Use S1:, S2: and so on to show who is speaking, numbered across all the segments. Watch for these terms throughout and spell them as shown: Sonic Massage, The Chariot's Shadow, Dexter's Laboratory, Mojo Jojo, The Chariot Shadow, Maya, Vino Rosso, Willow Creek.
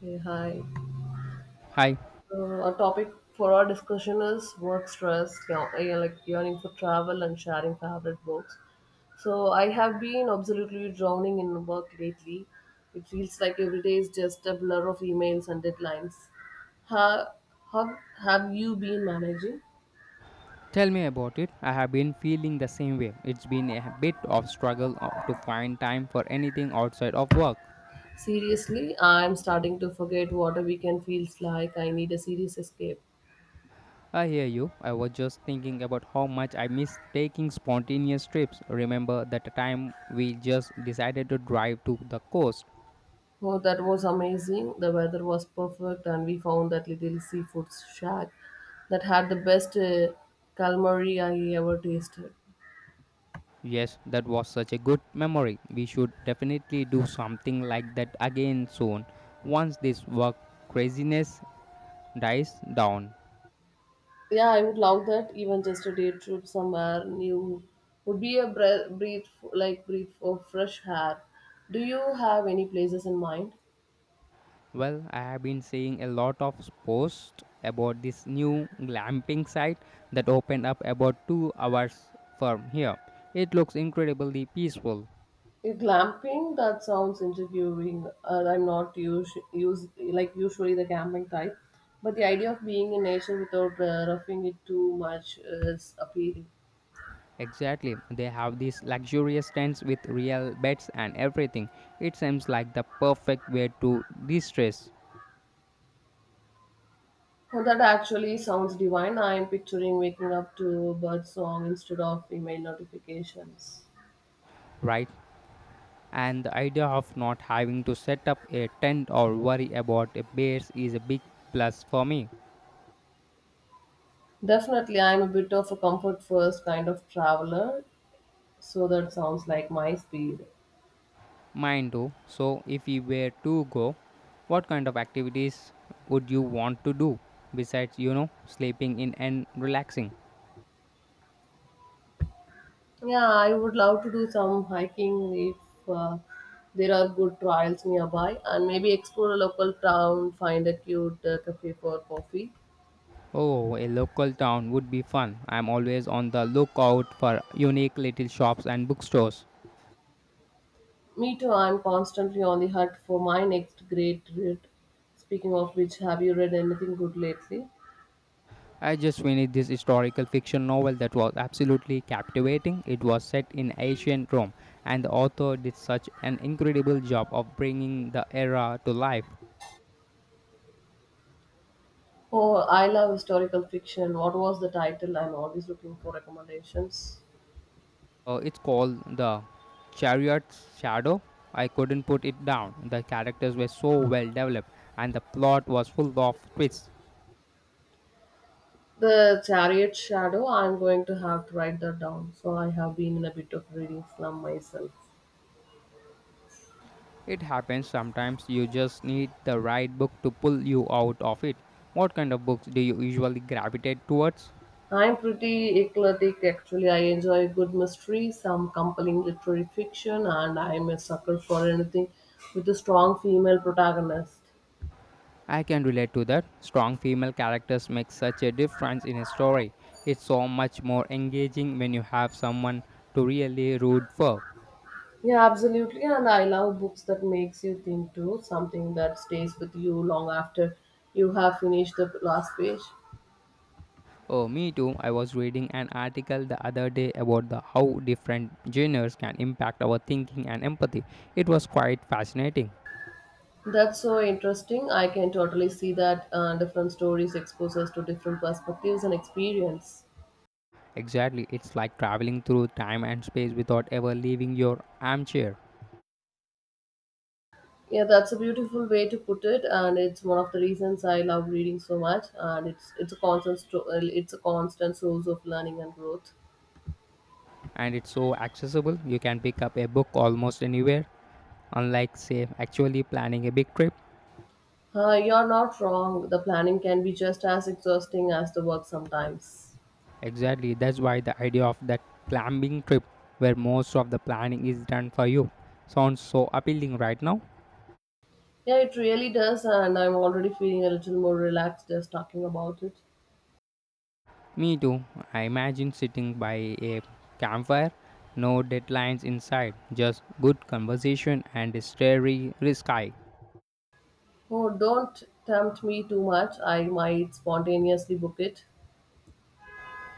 S1: Hey, hi.
S2: Hi,
S1: So our topic for our discussion is work stress, you know, yeah, like yearning for travel and sharing favorite books. So I have been absolutely drowning in work lately. It feels like every day is just a blur of emails and deadlines. How, how have you been managing?
S2: tell me about it. I have been feeling the same way. It's been a bit of struggle to find time for anything outside of work.
S1: Seriously, I'm starting to forget what a weekend feels like. I need a serious escape.
S2: I hear you. I was just thinking about how much I miss taking spontaneous trips. Remember that time we just decided to drive to the coast?
S1: Oh, that was amazing. The weather was perfect, and we found that little seafood shack that had the best calamari I ever tasted.
S2: Yes, that was such a good memory. We should definitely do something like that again soon, once this work craziness dies down.
S1: Yeah, I would love that. Even just a day trip somewhere new would be a breath, breathe like breath of fresh air. Do you have any places in mind?
S2: Well, I have been seeing a lot of posts about this new glamping site that opened up about 2 hours from here. It looks incredibly peaceful.
S1: Yeah, glamping? That sounds interviewing. I'm not use, use like usually the camping type, but the idea of being in nature without roughing it too much is appealing.
S2: Exactly. They have these luxurious tents with real beds and everything. It seems like the perfect way to de-stress,
S1: Oh, that actually sounds divine. I am picturing waking up to bird song instead of email notifications.
S2: right? And the idea of not having to set up a tent or worry about a bears is a big plus for me.
S1: Definitely, I am a bit of a comfort first kind of traveler, so that sounds like my speed.
S2: Mine too. So, if we were to go, what kind of activities would you want to do besides, sleeping in and relaxing?
S1: Yeah, I would love to do some hiking if there are good trails nearby, and maybe explore a local town, find a cute cafe for coffee.
S2: Oh, a local town would be fun. I'm always on the lookout for unique little shops and bookstores.
S1: Me too, I'm constantly on the hunt for my next great read. Speaking of which, have you read anything good lately?
S2: I just finished this historical fiction novel that was absolutely captivating. It was set in ancient Rome, and the author did such an incredible job of bringing the era to life.
S1: Oh, I love historical fiction. What was the title? I'm always looking for recommendations.
S2: It's called The Chariot's Shadow. I couldn't put it down. The characters were so well developed, and the plot was full of twists.
S1: The Chariot Shadow. I'm going to have to write that down. So I have been in a bit of reading slum myself.
S2: It happens sometimes you just need the right book to pull you out of it. What kind of books do you usually gravitate towards?
S1: I'm pretty eclectic actually. I enjoy a good mystery, some compelling literary fiction, and I'm a sucker for anything with a strong female protagonist.
S2: I can relate to that. Strong female characters make such a difference in a story. It's so much more engaging when you have someone to really root for.
S1: Yeah, absolutely. And I love books that makes you think too, something that stays with you long after you have finished the last page.
S2: Oh, me too. I was reading an article the other day about the how different genres can impact our thinking and empathy. It was quite fascinating.
S1: That's so interesting. I can totally see that different stories expose us to different perspectives and experience.
S2: Exactly, it's like traveling through time and space without ever leaving your armchair.
S1: Yeah, that's a beautiful way to put it, and it's one of the reasons I love reading so much. And it's a constant source of learning and growth.
S2: And it's so accessible, you can pick up a book almost anywhere, unlike, say, actually planning a big trip.
S1: You're not wrong. The planning can be just as exhausting as the work sometimes.
S2: Exactly, that's why the idea of that climbing trip, where most of the planning is done for you, sounds so appealing right now.
S1: Yeah, it really does, and I'm already feeling a little more relaxed just talking about it.
S2: Me too. I imagine sitting by a campfire, no deadlines inside, just good conversation and a starry sky.
S1: Oh, don't tempt me too much. I might spontaneously book it.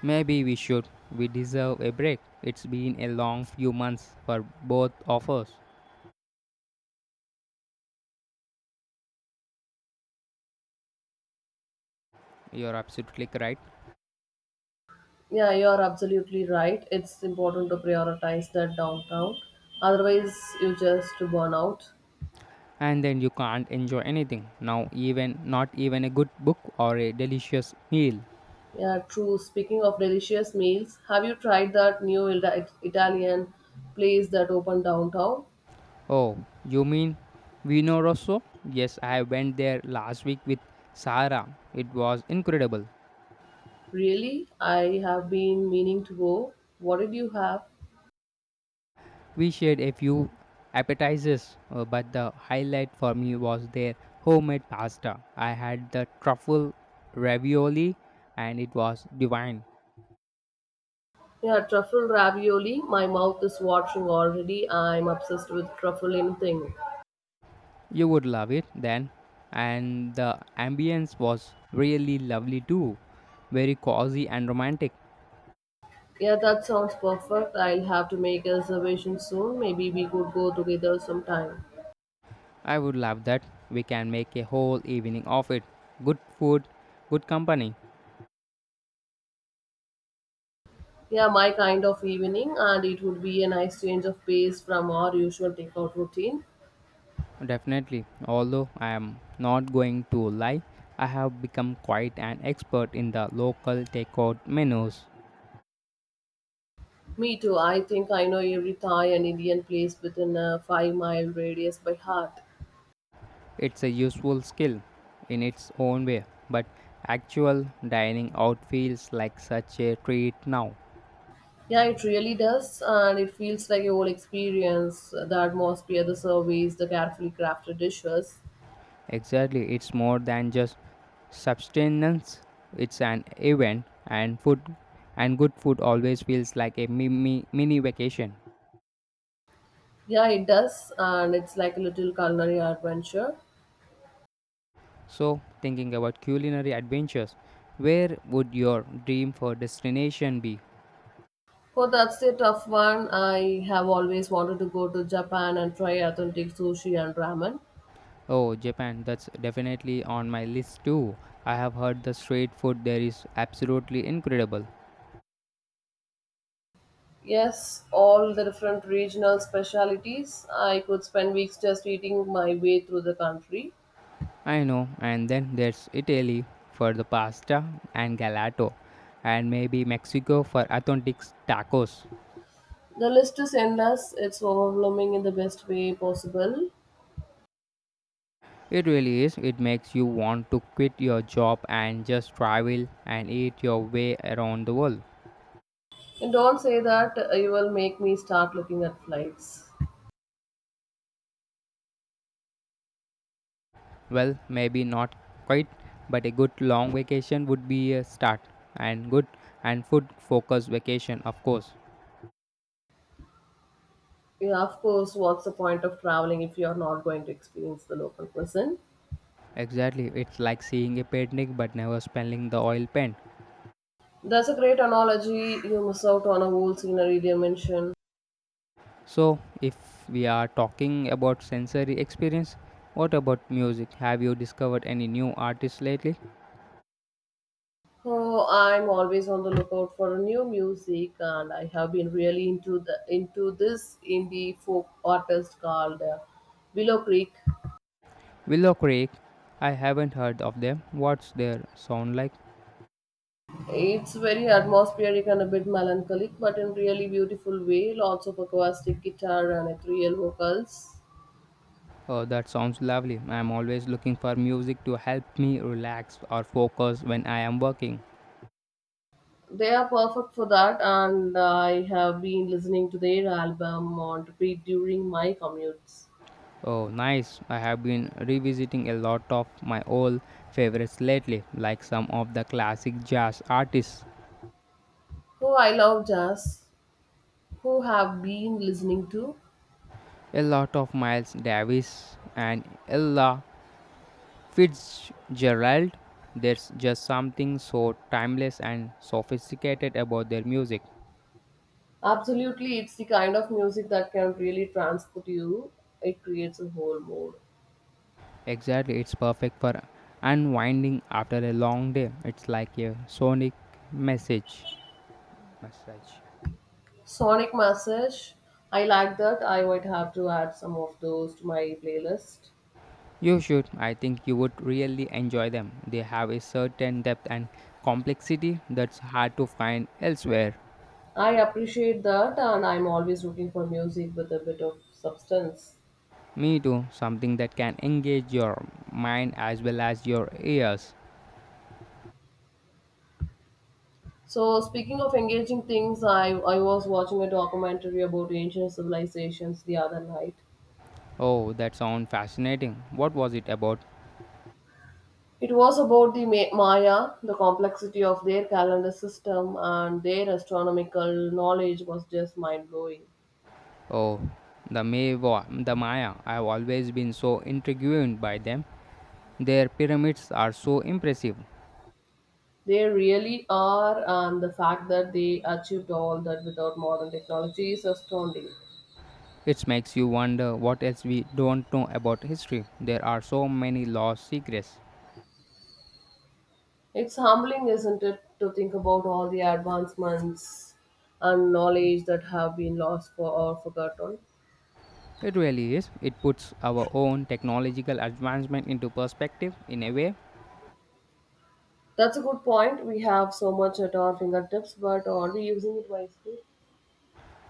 S2: Maybe we should. We deserve a break. It's been a long few months for both of us. You're absolutely right.
S1: Yeah, you are absolutely right. It's important to prioritize that downtown. Otherwise, you just burn out.
S2: And then you can't enjoy anything. Now, even not even a good book or a delicious meal.
S1: Yeah, true. Speaking of delicious meals, have you tried that new Italian place that opened downtown?
S2: Oh, you mean Vino Rosso? Yes, I went there last week with Sarah. It was incredible.
S1: Really? I have been meaning to go. What did you have?
S2: We shared a few appetizers, but the highlight for me was their homemade pasta. I had the truffle ravioli and it was divine.
S1: Yeah, truffle ravioli. My mouth is watering already. I'm obsessed with truffle anything.
S2: You would love it then. And the ambience was really lovely too. Very cozy and romantic.
S1: Yeah, that sounds perfect. I'll have to make a reservation soon. Maybe we could go together sometime.
S2: I would love that. We can make a whole evening of it. Good food, good company.
S1: Yeah, my kind of evening, and it would be a nice change of pace from our usual takeout routine.
S2: Definitely, although I am not going to lie, I have become quite an expert in the local takeout menus.
S1: Me too. I think I know every Thai and Indian place within a 5-mile radius by heart.
S2: It's a useful skill in its own way, but actual dining out feels like such a treat now.
S1: Yeah, it really does, and it feels like a whole experience. The atmosphere, the service, the carefully crafted dishes.
S2: Exactly, it's more than just subsistence, it's an event, and food and good food always feels like a mini vacation.
S1: Yeah, it does, and it's like a little culinary adventure.
S2: So, thinking about culinary adventures, where would your dream for destination be?
S1: Oh, that's a tough one. I have always wanted to go to Japan and try authentic sushi and ramen.
S2: Oh, Japan, that's definitely on my list too. I have heard the street food there is absolutely incredible.
S1: Yes, all the different regional specialities. I could spend weeks just eating my way through the country.
S2: I know, and then there's Italy for the pasta and gelato, and maybe Mexico for authentic tacos.
S1: The list is endless, it's overwhelming in the best way possible.
S2: It really is, it makes you want to quit your job and just travel and eat your way around the world.
S1: And don't say that, you will make me start looking at flights.
S2: Well, maybe not quite, but a good long vacation would be a start and good and food focused vacation, of course.
S1: Yeah, of course, what's the point of traveling if you're not going to experience the local person?
S2: Exactly, it's like seeing a painting but never smelling the oil paint.
S1: That's a great analogy. You miss out on a whole scenery dimension.
S2: So, if we are talking about sensory experience, what about music? Have you discovered any new artists lately?
S1: Oh, I'm always on the lookout for new music, and I have been really into this indie folk artist called Willow Creek.
S2: Willow Creek, I haven't heard of them. What's their sound like?
S1: It's very atmospheric and a bit melancholic, but in really beautiful way. Lots of acoustic guitar and ethereal vocals.
S2: Oh, that sounds lovely. I'm always looking for music to help me relax or focus when I am working.
S1: They are perfect for that, and I have been listening to their album on repeat during my commutes.
S2: Oh, nice. I have been revisiting a lot of my old favorites lately, like some of the classic jazz artists,
S1: Who I love jazz. Who have been listening to?
S2: a lot of Miles Davis and Ella Fitzgerald. There's just something so timeless and sophisticated about their music.
S1: Absolutely, it's the kind of music that can really transport you. It creates a whole mood.
S2: Exactly, it's perfect for unwinding after a long day. It's like a sonic message. Message.
S1: Sonic massage, I like that. I might have to add some of those to my playlist.
S2: You should. I think you would really enjoy them. They have a certain depth and complexity that's hard to find elsewhere.
S1: I appreciate that, and I'm always looking for music with a bit of substance.
S2: Me too, something that can engage your mind as well as your ears.
S1: So, speaking of engaging things, I was watching a documentary about ancient civilizations the other night.
S2: Oh, that sounds fascinating. What was it about?
S1: It was about the Maya, the complexity of their calendar system, and their astronomical knowledge was just mind blowing.
S2: Oh, the Maya. I've always been so intrigued by them. Their pyramids are so impressive.
S1: They really are, and the fact that they achieved all that without modern technology is astounding.
S2: It makes you wonder what else we don't know about history. There are so many lost secrets.
S1: It's humbling, isn't it, to think about all the advancements and knowledge that have been lost forgotten.
S2: It really is. It puts our own technological advancement into perspective in a way.
S1: That's a good point. We have so much at our fingertips, but are we using it wisely?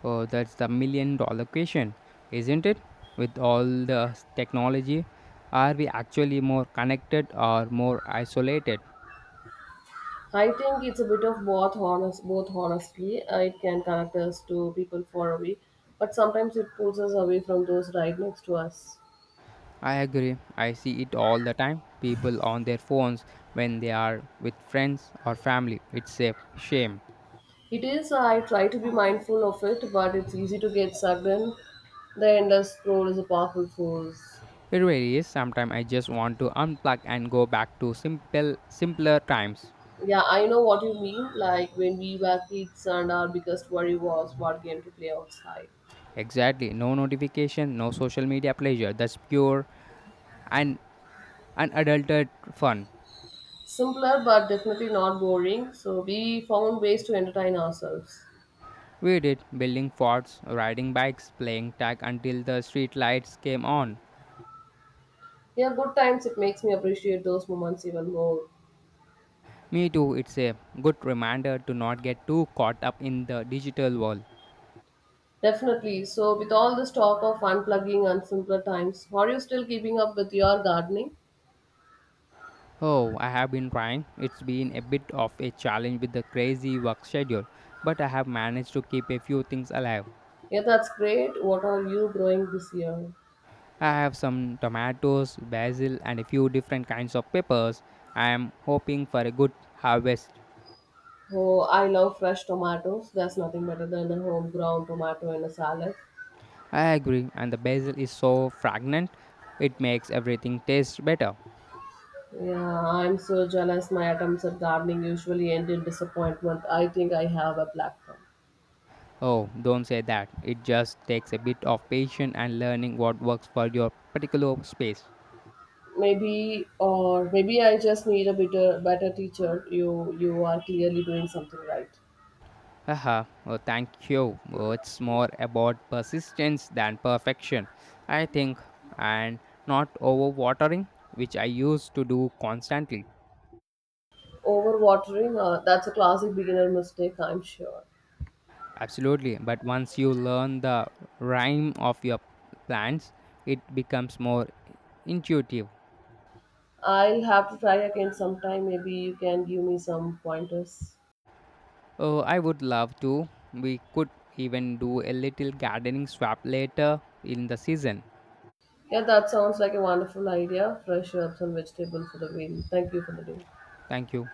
S2: Oh, that's the million-dollar question, isn't it? With all the technology, are we actually more connected or more isolated?
S1: I think it's a bit of both. Honestly, it can connect us to people far away, but sometimes it pulls us away from those right next to us.
S2: I agree. I see it all the time. People on their phones when they are with friends or family. It's a shame.
S1: It is. I try to be mindful of it, but it's easy to get sucked in. The endless scroll is a powerful force.
S2: It really is. Sometimes I just want to unplug and go back to simpler times.
S1: Yeah, I know what you mean. Like when we were kids, and our biggest worry was what game to play outside.
S2: Exactly. No notification, no social media pleasure. That's pure and unadulterated fun.
S1: Simpler, but definitely not boring. So we found ways to entertain ourselves.
S2: We did building forts, riding bikes, playing tag until the street lights came on.
S1: Yeah, good times. It makes me appreciate those moments even more.
S2: Me too, it's a good reminder to not get too caught up in the digital world.
S1: Definitely. So, with all this talk of unplugging and simpler times, are you still keeping up with your gardening?
S2: Oh, I have been trying. It's been a bit of a challenge with the crazy work schedule, but I have managed to keep a few things alive.
S1: Yeah, that's great. What are you growing this year?
S2: I have some tomatoes, basil, and a few different kinds of peppers. I am hoping for a good harvest.
S1: Oh, I love fresh tomatoes. There's nothing better than a homegrown tomato in a salad.
S2: I agree, and the basil is so fragrant, it makes everything taste better.
S1: Yeah, I'm so jealous. My attempts at gardening usually end in disappointment. I think I have a black thumb.
S2: Oh, don't say that. It just takes a bit of patience and learning what works for your particular space.
S1: Maybe, or maybe I just need a better teacher. You are clearly doing something right.
S2: Haha, oh, thank you. Oh, it's more about persistence than perfection, I think, and not overwatering, which I used to do constantly.
S1: Overwatering, that's a classic beginner mistake, I'm sure.
S2: Absolutely, but once you learn the rhyme of your plants, it becomes more intuitive.
S1: I'll have to try again sometime. Maybe you can give me some pointers.
S2: Oh, I would love to. We could even do a little gardening swap later in the season.
S1: Yeah, that sounds like a wonderful idea. Fresh herbs and vegetables for the win. Thank you for the day.
S2: Thank you.